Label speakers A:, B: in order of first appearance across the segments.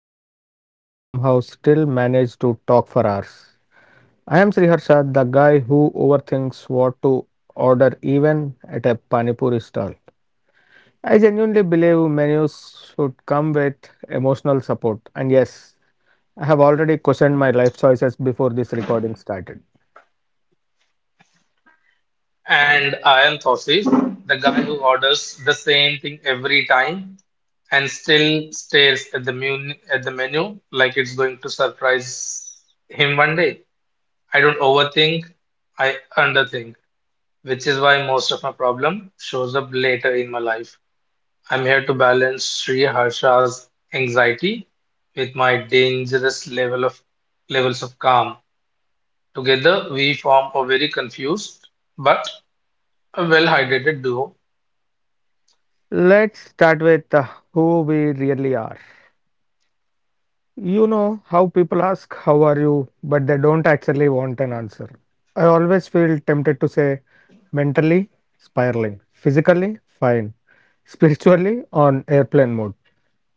A: nothing and somehow still manage to talk for hours. I am Sriharsha, the guy who overthinks what to order even at a panipuri stall. I genuinely believe menus should come with emotional support. And yes, I have already questioned my life choices before this recording started.
B: And I am Tawfiq, the guy who orders the same thing every time and still stares at the mun at the menu like it's going to surprise him one day. I don't overthink, I underthink, which is why most of my problem shows up later in my life. I'm here to balance Sri Harsha's anxiety with my dangerous levels of calm. Together, we form a very confused but a well-hydrated duo.
A: Let's start with who we really are. You know how people ask, "How are you?" but they don't actually want an answer. I always feel tempted to say, "Mentally spiraling, physically fine, spiritually on airplane mode."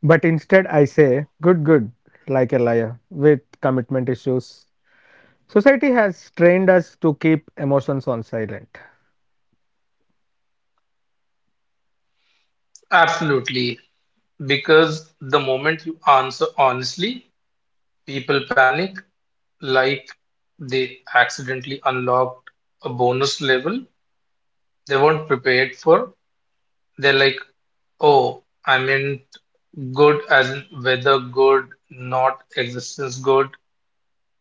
A: But instead, I say, "Good, good," like a liar with commitment issues. Society has trained us to keep emotions on silent.
B: Absolutely. Because the moment you answer honestly, people panic like they accidentally unlocked a bonus level they weren't prepared for. They're like, oh, I meant good as in weather good, not existence good.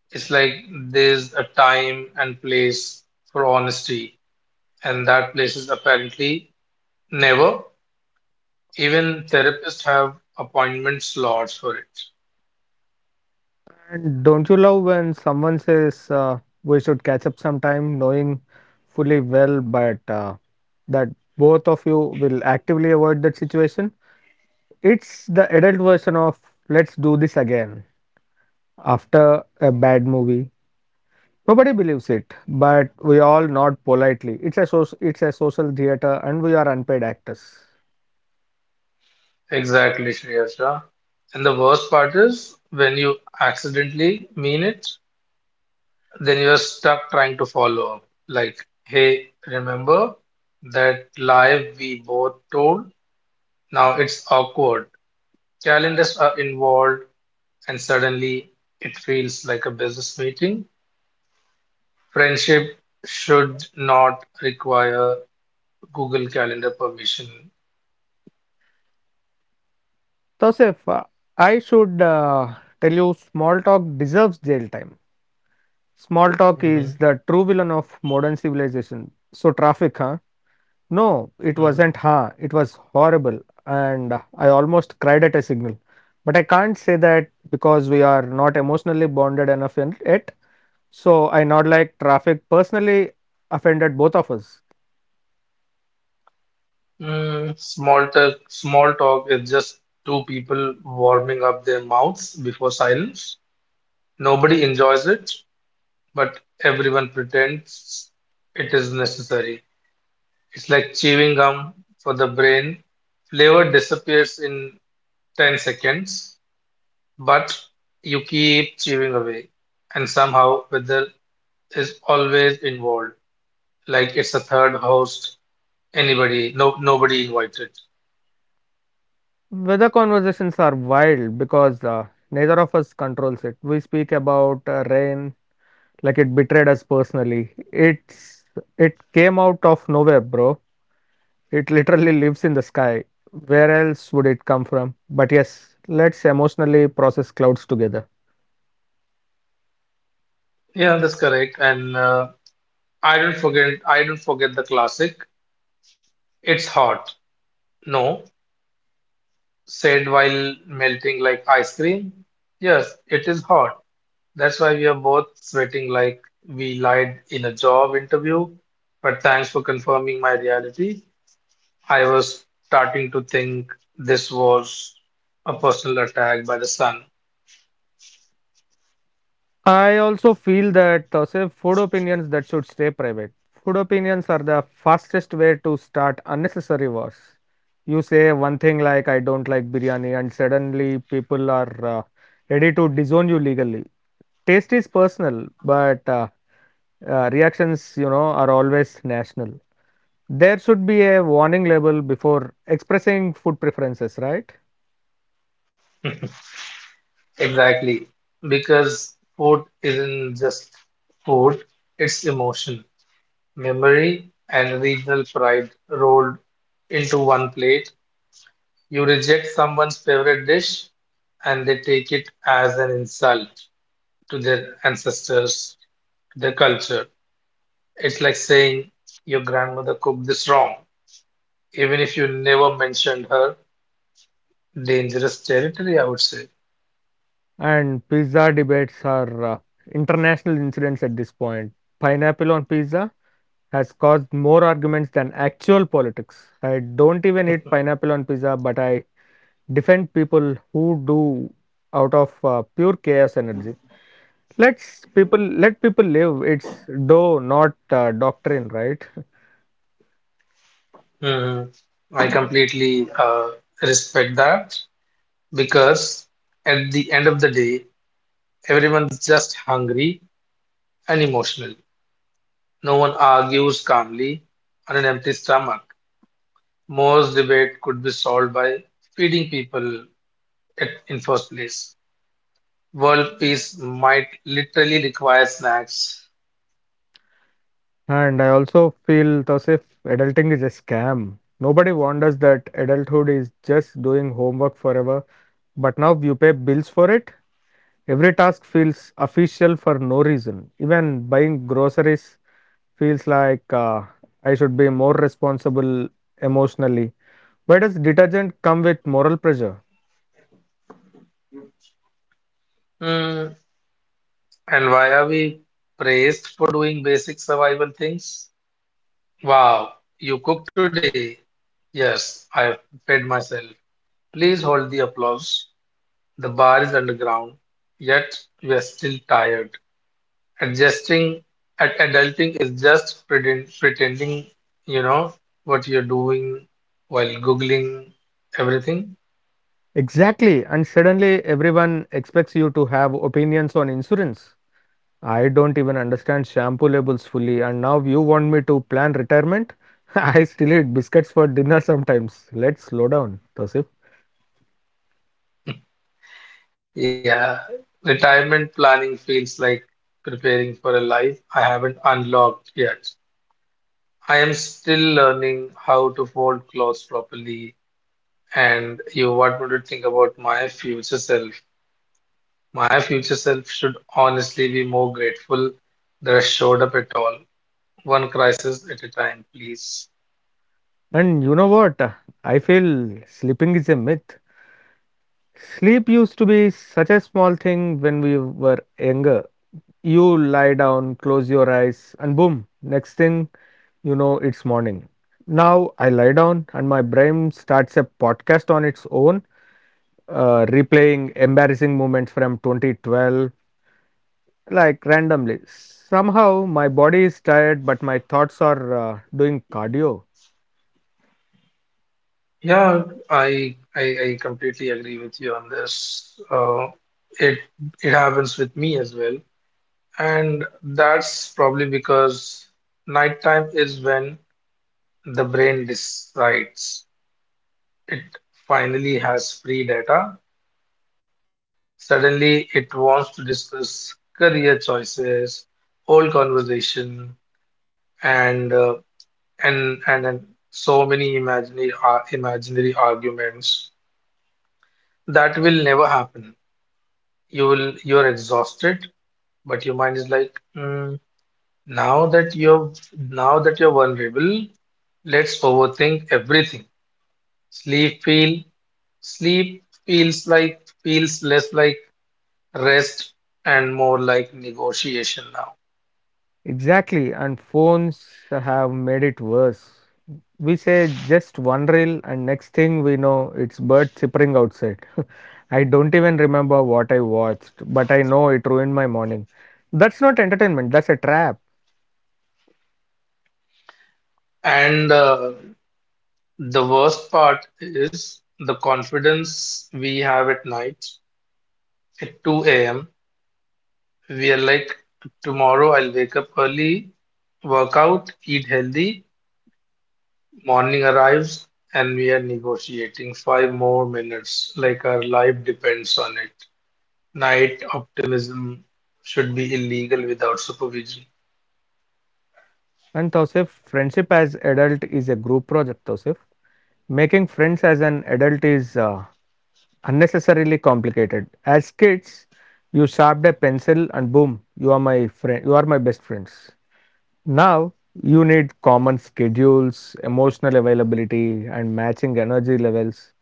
B: It's like there's a time and place for honesty, and that place is apparently never. Even therapists have appointment slots for it.
A: And don't you love when someone says we should catch up sometime, knowing fully well, but that both of you will actively avoid that situation? It's the adult version of "let's do this again" after a bad movie. Nobody believes it, but we all nod politely. It's a it's a social theater, and we are unpaid actors.
B: Exactly, Shreyasha. And the worst part is when you accidentally mean it, then you are stuck trying to follow up. Like, hey, remember that lie we both told? Now it's awkward. Calendars are involved, and suddenly it feels like a business meeting. Friendship should not require Google Calendar permission.
A: Tosef, I should tell you, small talk deserves jail time. Small talk is
B: Mhm,
A: the true villain of modern civilization. So, traffic, huh? No, it
B: mhm.
A: wasn't, huh? It was horrible, and I almost cried at a signal. But I can't say that because we are not emotionally bonded enough in it. So, I not like traffic personally offended both of us.
B: Small talk is just two people warming up their mouths before silence. Nobody enjoys it, but everyone pretends it is necessary. It's like chewing gum for the brain. Flavor disappears in 10 seconds, but you keep chewing away, and somehow weather is always involved, like it's a third host, anybody, no, nobody invited.
A: Weather conversations are wild because neither of us controls it. We speak about rain like it betrayed us personally. It came out of nowhere, bro. It literally lives in the sky. Where else would it come from? But yes, let's emotionally process clouds together.
B: Yeah, that's correct. And I don't forget the classic. It's hot. No, said while melting like ice cream. Yes, it is hot. That's why we are both sweating like we lied in a job interview. But thanks for confirming my reality. I was starting to think this was a personal attack by the sun.
A: I also feel that food opinions that should stay private. Food opinions are the fastest way to start unnecessary wars. You say one thing like "I don't like biryani" and suddenly people are ready to disown you legally. Taste is personal, but reactions, you know, are always national. There should be a warning label before expressing food preferences, right?
B: Exactly. Because food isn't just food, it's emotion, memory and regional pride rolled into one plate. You reject someone's favorite dish and they take it as an insult to their ancestors, to their culture. It's like saying your grandmother cooked this wrong, even if you never mentioned her. Dangerous territory, I would say.
A: And pizza debates are international incidents at this point. Pineapple on pizza has caused more arguments than actual politics. I don't even eat pineapple on pizza, but I defend people who do out of pure chaos energy. Let's people let people live. It's do not doctrine, right?
B: hmm I completely respect that because at the end of the day, everyone's just hungry and emotional. No one argues calmly on an empty stomach. Most debate could be solved by feeding people in first place. World peace might literally require snacks.
A: And I also feel, Tausif, adulting is a scam. Nobody warned us that adulthood is just doing homework forever, but now you pay bills for it. Every task feels official for no reason. Even buying groceries feels like I should be more responsible emotionally. Why does detergent come with moral pressure?
B: Hmm. And why are we praised for doing basic survival things? Wow, you cooked today. Yes, I fed myself. Please hold the applause. The bar is underground, yet we are still tired. Adjusting at Adulting is just pretending you know what you're doing while googling everything.
A: Exactly, and suddenly everyone expects you to have opinions on insurance. I don't even understand shampoo labels fully, and now you want me to plan retirement? I still eat biscuits for dinner sometimes. Let's slow down, Tosif.
B: Yeah, retirement planning feels like preparing for a life I haven't unlocked yet. I am still learning how to fold clothes properly, and you want me to think about my future self. My future self should honestly be more grateful that I showed up at all. One crisis at a time, please.
A: And you know what? I feel sleeping is a myth. Sleep used to be such a small thing when we were younger. You lie down, close your eyes, and boom, next thing you know, it's morning. Now I lie down, and my brain starts a podcast on its own, replaying embarrassing moments from 2012 like randomly. Somehow my body is tired, but my thoughts are doing cardio.
B: Yeah, I completely agree with you on this. It it happens with me as well, and that's probably because nighttime is when the brain decides it finally has free data. Suddenly, it wants to discuss career choices, old conversation, and uh, and so many imaginary arguments that will never happen. You're exhausted, but your mind is like, "Mm, now that you're now that you're vulnerable, let's overthink everything." sleep feel sleep feels less like rest and more like negotiation now.
A: Exactly, and phones have made it worse. We say just one reel, and next thing we know, it's bird chippering outside. I don't even remember what I watched, but I know it ruined my morning. That's not entertainment, that's a trap.
B: And uh, the worst part is the confidence we have at night. At 2 a.m. we are like, tomorrow I'll wake up early, work out, eat healthy. Morning arrives, and we are negotiating 5 more minutes like our life depends on it. Night optimism should be illegal without supervision.
A: And Tausif, friendship as adult is a group project, Tausif. Making friends as an adult is unnecessarily complicated. As kids, you sharpened a pencil and boom, you are my friend, you are my best friends. Now, you need common schedules, emotional availability, and matching energy levels.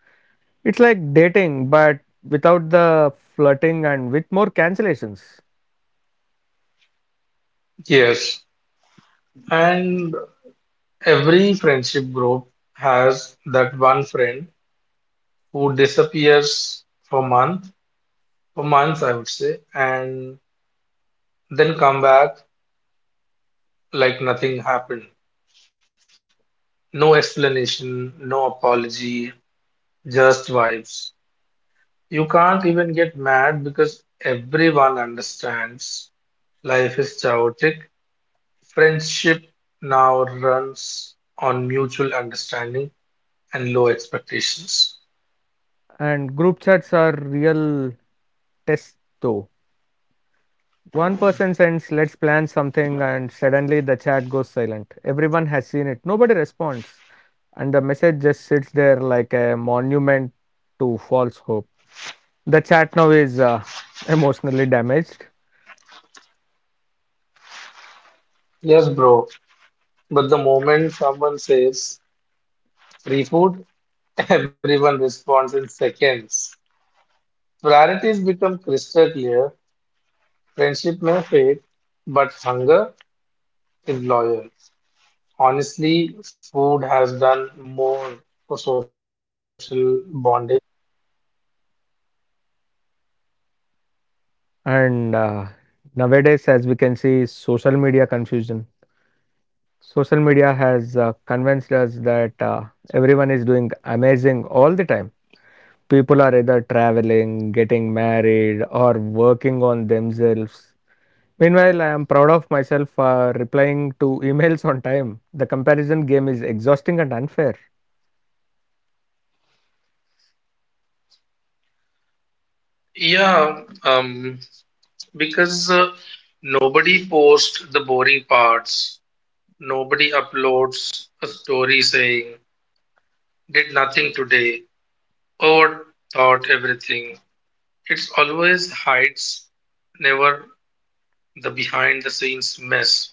A: It's like dating, but without the flirting and with more cancellations.
B: Yes, and every friendship group has that one friend who disappears for month, for months I would say, and then come back like nothing happened. No explanation, no apology, just vibes. You can't even get mad because everyone understands life is chaotic. Friendship now runs on mutual understanding and low expectations.
A: And group chats are real tests, though. One person sends, "let's plan something," and suddenly the chat goes silent. Everyone has seen it, nobody responds. And the message just sits there like a monument to false hope. The chat now is emotionally damaged,
B: Yes, bro. But the moment someone says free food, everyone responds in seconds. Priorities become crystal clear. Friendship may fade, but hunger is loyal. Honestly, food has done more for social bonding.
A: and nowadays, as we can see, social media confusion. Social media has convinced us that everyone is doing amazing all the time. People are either traveling, getting married, or working on themselves. Meanwhile, I am proud of myself for replying to emails on time. The comparison game is exhausting and unfair.
B: Yeah, um, because nobody posts the boring parts. Nobody uploads a story saying, did nothing today, overthought everything. It's always hides, never the behind the scenes mess.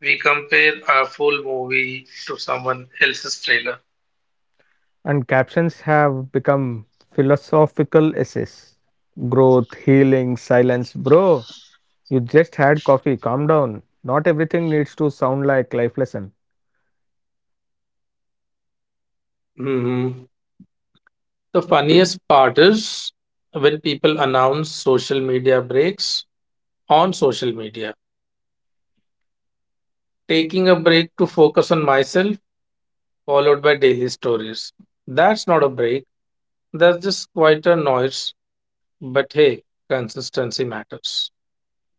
B: We compare our full movie to someone else's trailer.
A: And captions have become philosophical essays. Growth, healing, silence. Bro, you just had coffee. Calm down. Not everything needs to sound like life lesson.
B: hmm The funniest part is when people announce social media breaks on social media. Taking a break to focus on myself, followed by daily stories. That's not a break, that's just quite a noise. But hey, consistency matters.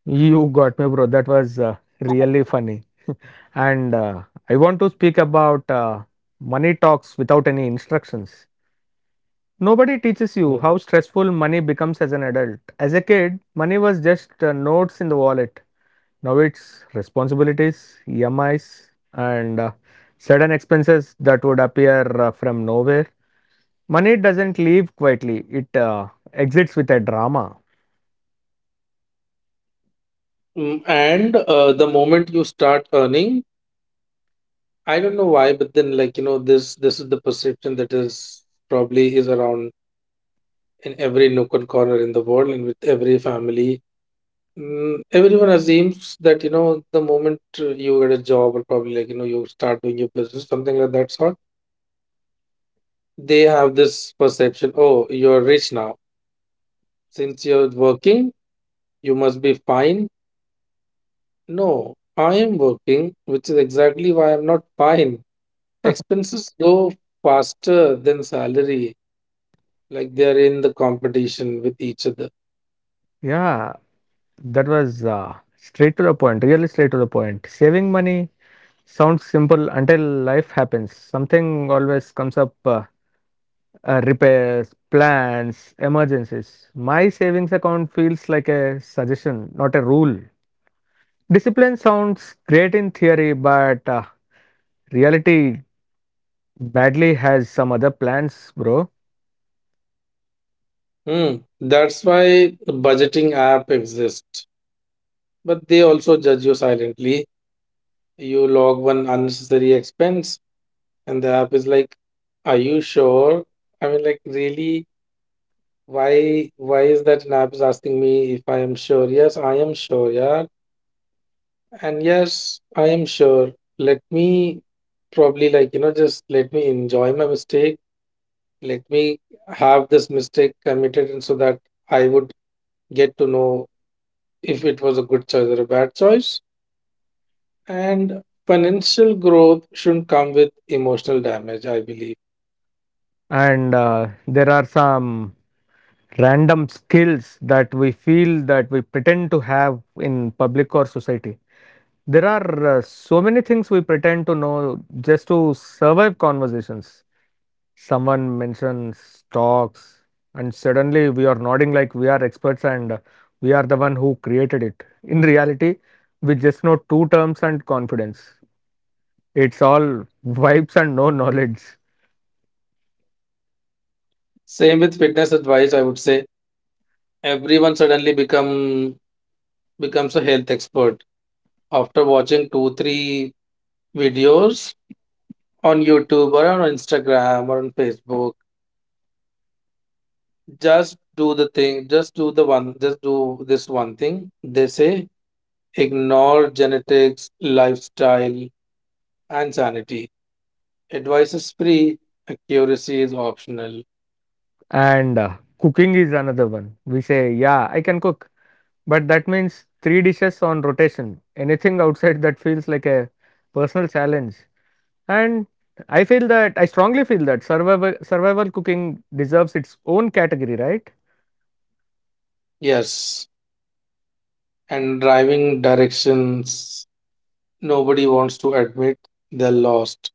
A: You got me, bro. That was really funny. And I want to speak about money talks without any instructions. Nobody teaches you how
B: No.
A: stressful money becomes as an adult. As a kid, money was just notes in the wallet. Now it's responsibilities, EMIs, and sudden expenses that would appear from nowhere. Money doesn't leave quietly, it exits with a drama.
B: And the moment you start earning, I don't know why, but then like this is the perception that is probably is around in every nook and corner in the world and with every family. Everyone assumes that the moment you get a job or probably like you start doing your business, something like that sort. They have this perception, oh, you're rich now. Since you're working, you must be fine. No, I am working, which is exactly why I'm not fine. Expenses go faster than salary, like they're in the competition with each other.
A: Yeah, that was straight to the point, really straight to the point. Saving money sounds simple until life happens. Something always comes up repairs, plans, emergencies. My savings account feels like a suggestion, not a rule. Discipline sounds great in theory, but reality badly has some other plans, bro.
B: Hmm. That's why the budgeting app exists. But they also judge you silently. You log one unnecessary expense, and the app is like, are you sure? I mean, like, really? Why is that an app is asking me if I am sure? Yes, I am sure, yeah. And yes, I am sure. Let me probably like, just let me enjoy my mistake. Let me have this mistake committed and so that I would get to know if it was a good choice or a bad choice. And financial growth shouldn't come with emotional damage, I believe.
A: And there are some random skills that we feel that we pretend to have in public or society. There are so many things we pretend to know just to survive conversations. Someone mentions stocks and suddenly we are nodding like we are experts, and we are the one who created it. In reality, we just know two terms and confidence. It's all vibes and no knowledge.
B: Same with fitness advice, I would say everyone suddenly becomes a health expert after watching two, three videos on YouTube or on Instagram or on Facebook, just do the thing, just do the one, just do this one thing. They say ignore genetics, lifestyle, and sanity. Advice is free, accuracy is optional.
A: And cooking is another one. We say, "Yeah, I can cook," but that means three dishes on rotation. Anything outside that feels like a personal challenge. And I strongly feel that survival cooking deserves its own category, right?
B: Yes, and driving directions, nobody wants to admit they're lost.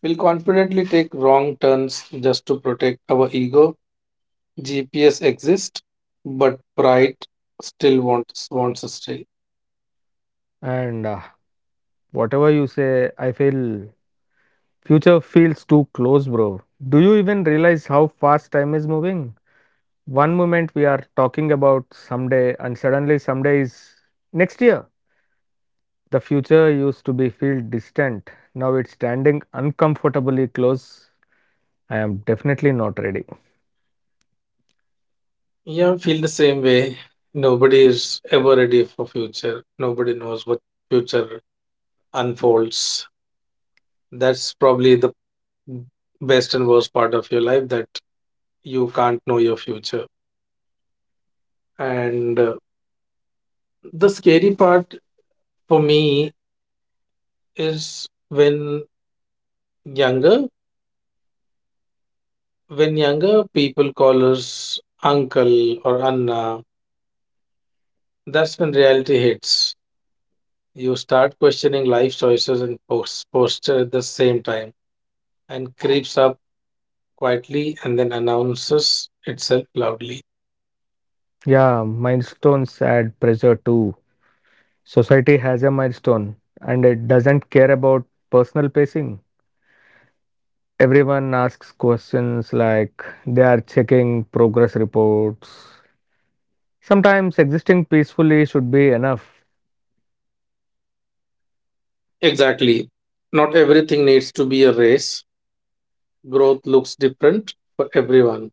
B: We'll confidently take wrong turns just to protect our ego. GPS exists, but pride still wants to stay.
A: And whatever you say, I feel future feels too close, bro. Do you even realize how fast time is moving? One moment we are talking about someday, and suddenly someday is next year. The future used to be feel distant. Now it's standing uncomfortably close. I am definitely not ready.
B: Yeah, I feel the same way. Nobody is ever ready for future. Nobody knows what future unfolds. That's probably the best and worst part of your life, that you can't know your future. And the scary part for me is when younger, when younger, people call us uncle or Anna, that's when reality hits. You start questioning life choices and posture at the same time, and creeps up quietly and then announces itself loudly.
A: Yeah, milestones add pressure too. Society has a milestone and it doesn't care about personal pacing. Everyone asks questions like they are checking progress reports. Sometimes existing peacefully should be enough.
B: Exactly. Not everything needs to be a race. Growth looks different for everyone.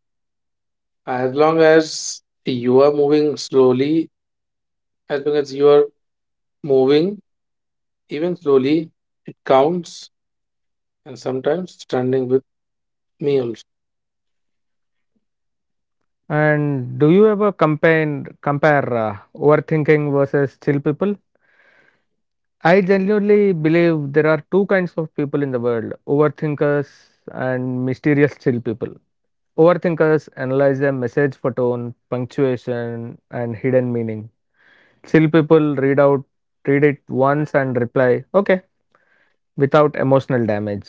B: As long as you are moving slowly, as long as you are moving even slowly, it counts, and sometimes standing with me also.
A: And do you ever compare overthinking versus chill people? I genuinely believe there are two kinds of people in the world: overthinkers and mysterious chill people. Overthinkers analyze a message for tone, punctuation, and hidden meaning. Chill people read it once and reply, "Okay," without emotional damage.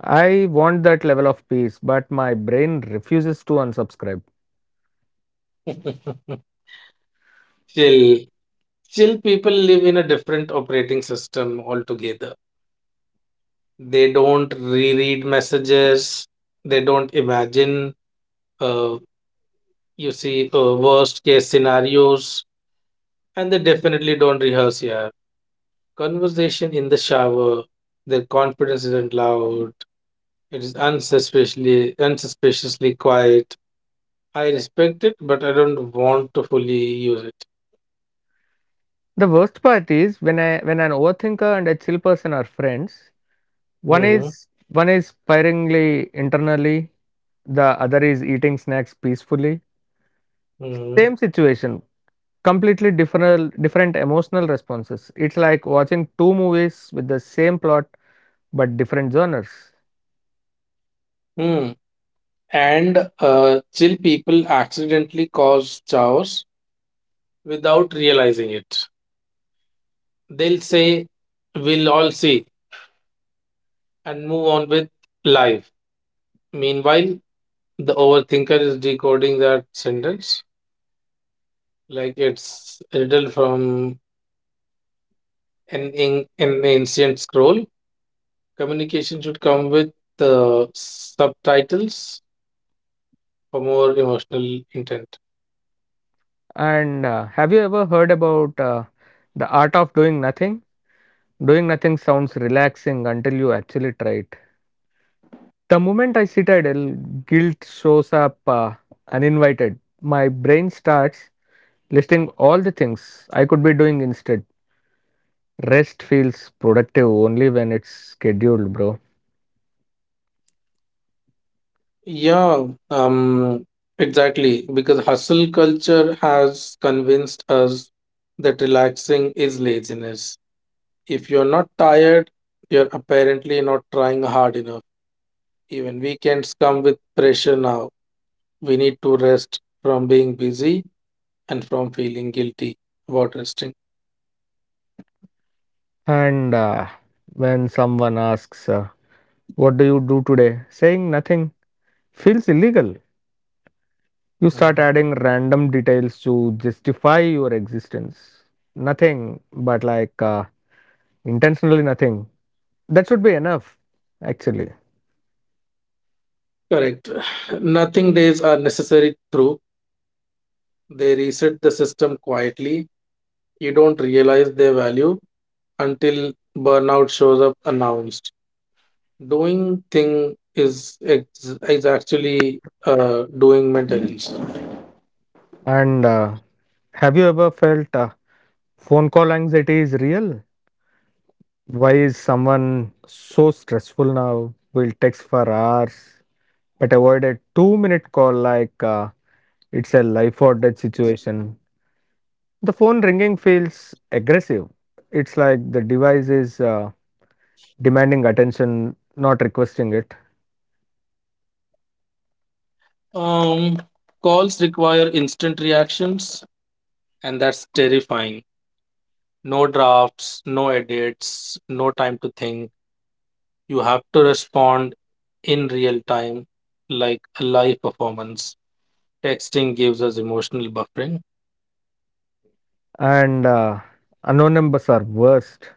A: I want that level of peace, but my brain refuses to unsubscribe.
B: chill. Chill people live in a different operating system altogether. They don't reread messages, they don't imagine, uh, you see, worst case scenarios, and they definitely don't rehearse here conversation in the shower. Their confidence isn't loud, it is unsuspiciously quiet. I respect it, but I don't want to fully use it.
A: The worst part is when an overthinker and a chill person are friends,
B: Hmm.
A: one is spiraling internally, the other is eating snacks peacefully.
B: Hmm.
A: Same situation, completely different emotional responses. It's like watching two movies with the same plot but different genres.
B: Hmm. And uh, chill people accidentally cause chaos without realizing it. They'll say, we'll all see, and move on with life. Meanwhile, the overthinker is decoding that sentence like it's a riddle from an ancient scroll. Communication should come with the subtitles for more emotional intent.
A: And have you ever heard about the art of doing nothing? Doing nothing sounds relaxing until you actually try it. The moment I sit idle, guilt shows up uninvited. My brain starts listing all the things I could be doing instead. Rest feels productive only when it's scheduled, bro.
B: Yeah, um, exactly. Because hustle culture has convinced us that relaxing is laziness. If you're not tired, you're apparently not trying hard enough. Even weekends come with pressure now. We need to rest from being busy and from feeling guilty about resting.
A: And when someone asks, "What do you do today?" saying nothing feels illegal. You start
B: Mhm.
A: adding random details to justify your existence. Nothing, but like intentionally nothing. That should be enough, actually.
B: Correct. Nothing days are necessary through. They reset the system quietly. You don't realize their value until burnout shows up announced. Doing thing is actually doing maintenance.
A: And have you ever felt phone call anxiety is real? Why is someone so stressful now? Will text for hours, but avoid a 2 minute call like it's a life or death situation. The phone ringing feels aggressive. It's like the device is demanding attention, not requesting it.
B: Um, Calls require instant reactions, and that's terrifying. No drafts, no edits, no time to think. You have to respond in real time, like a live performance. Texting gives us emotional buffering.
A: And unknown numbers are worst.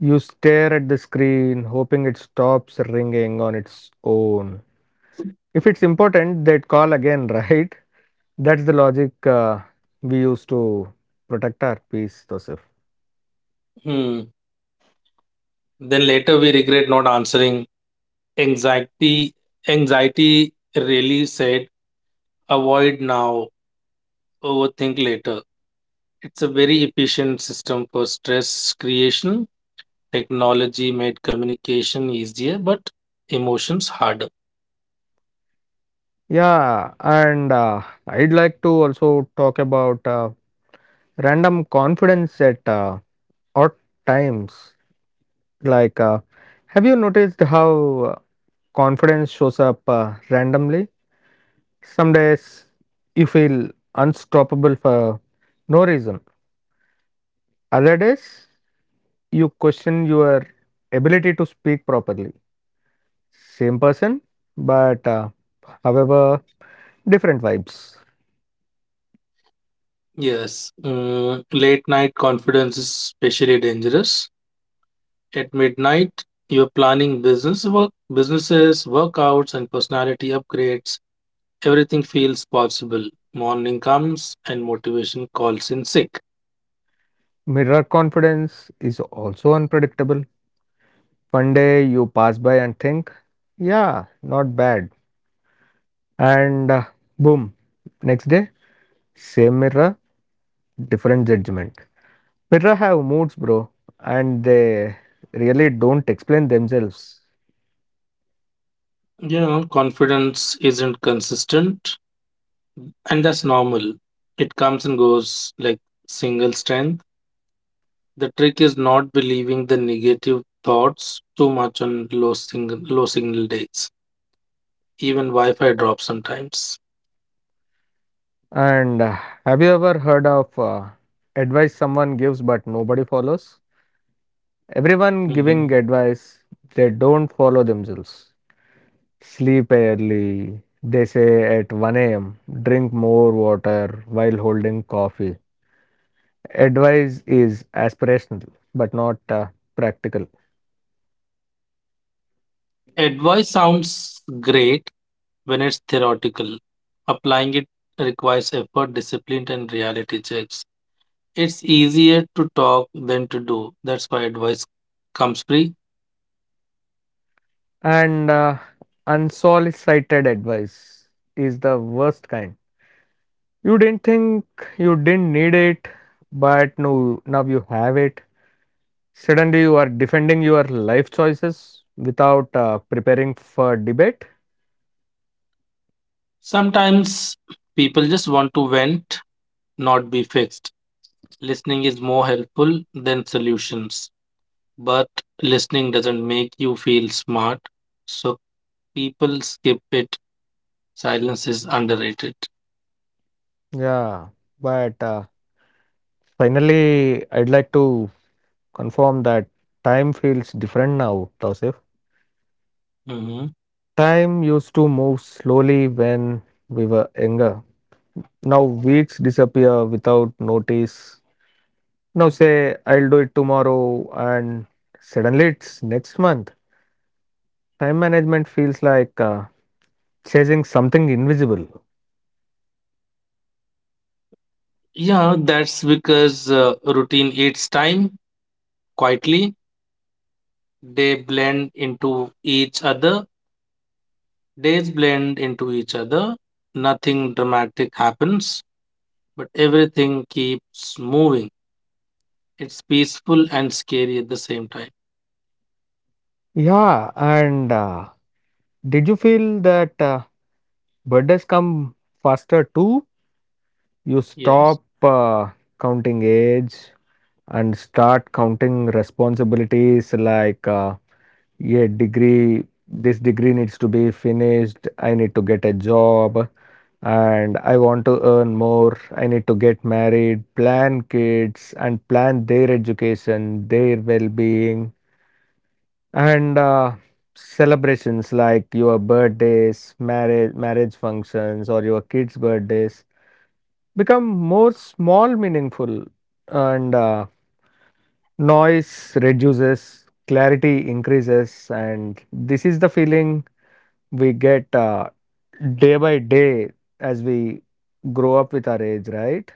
A: You stare at the screen, hoping it stops ringing on its own. If it's important, they'd call again, right? That's the logic we use to protect our peace, Joseph.
B: Hmm. Then later we regret not answering. Anxiety, anxiety really said, avoid now. Overthink later. It's a very efficient system for stress creation. Technology made communication easier, but emotions harder.
A: Yeah, and I'd like to also talk about random confidence at odd times. Like, have you noticed how confidence shows up randomly? Some days you feel unstoppable for no reason. Other days, you question your ability to speak properly. Same person, but however, different vibes.
B: Yes, late night confidence is especially dangerous. At midnight, you're planning businesses, workouts, and personality upgrades. Everything feels possible. Morning comes and motivation calls in sick.
A: Mirror confidence is also unpredictable. One day you pass by and think, "Yeah, not bad." And boom, next day, same mirror, different judgment. Mirror have moods, bro, and they really don't explain themselves.
B: You know, confidence isn't consistent, and that's normal. It comes and goes like single strength. The trick is not believing the negative thoughts too much on low signal days. Even Wi-Fi drops sometimes.
A: And have you ever heard of advice someone gives but nobody follows? Everyone giving
B: Mhm.
A: advice, they don't follow themselves. Sleep early, they say at 1 a.m., drink more water while holding coffee. Advice is aspirational but not practical.
B: Advice sounds great when it's theoretical. Applying it requires effort, discipline, and reality checks. It's easier to talk than to do. That's why advice comes free.
A: And unsolicited advice is the worst kind. You didn't think you didn't need it, but no, now you have it. Suddenly, you are defending your life choices without preparing for debate.
B: Sometimes people just want to vent, not be fixed. Listening is more helpful than solutions, but listening doesn't make you feel smart, so people skip it. Silence is underrated.
A: Yeah, but finally, I'd like to confirm that time feels different now, Tausif.
B: Mhm.
A: Time used to move slowly when we were younger. Now, weeks disappear without notice. Now, say, "I'll do it tomorrow," and suddenly it's next month. Time management feels like chasing something invisible.
B: Yeah, that's because routine eats time quietly. They blend into each other. Days blend into each other. Nothing dramatic happens, but everything keeps moving. It's peaceful and scary at the same time.
A: Yeah, and did you feel that birthdays come faster too? You
B: Yes.
A: stop counting age and start counting responsibilities like yeah, degree this degree needs to be finished, I need to get a job, and I want to earn more, I need to get married, plan kids and plan their education, their well-being. And celebrations like your birthdays, marriage functions, or your kids' birthdays become more small, meaningful, and noise reduces, clarity increases, and this is the feeling we get day by day as we grow up with our age, right?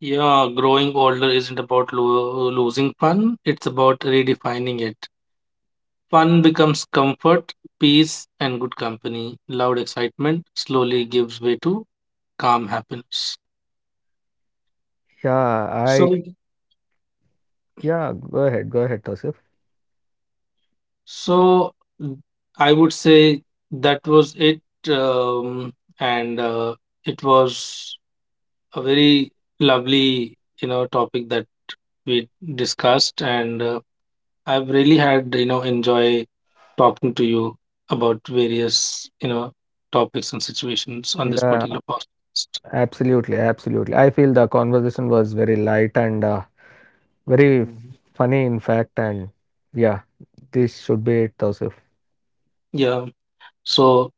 B: Yeah, growing older isn't about losing fun, it's about redefining it. Fun becomes comfort, peace, and good company. Loud excitement slowly gives way to calm happiness.
A: Yeah, I
B: So,
A: yeah. Go ahead, Tosif.
B: so mm, I would say that was it. Um, and it was a very lovely, topic that we discussed, and I've really had, enjoy talking to you about various, topics and situations on this
A: Yeah,
B: particular podcast.
A: absolutely, absolutely. I feel the conversation was very light and very
B: Mhm.
A: funny, in fact, and yeah, this should be it, Tausif.
B: Yeah. So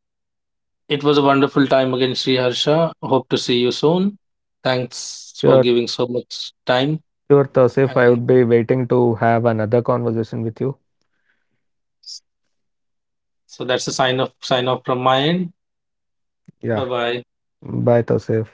B: it was a wonderful time again, Sri Harsha. Hope to see you soon. Thanks for
A: Sure,
B: giving so much time.
A: sure, Tausif. I
B: And
A: would be waiting to have another conversation with you.
B: so that's a sign off from my end. Bye
A: Yeah,
B: bye.
A: bye, Tausif.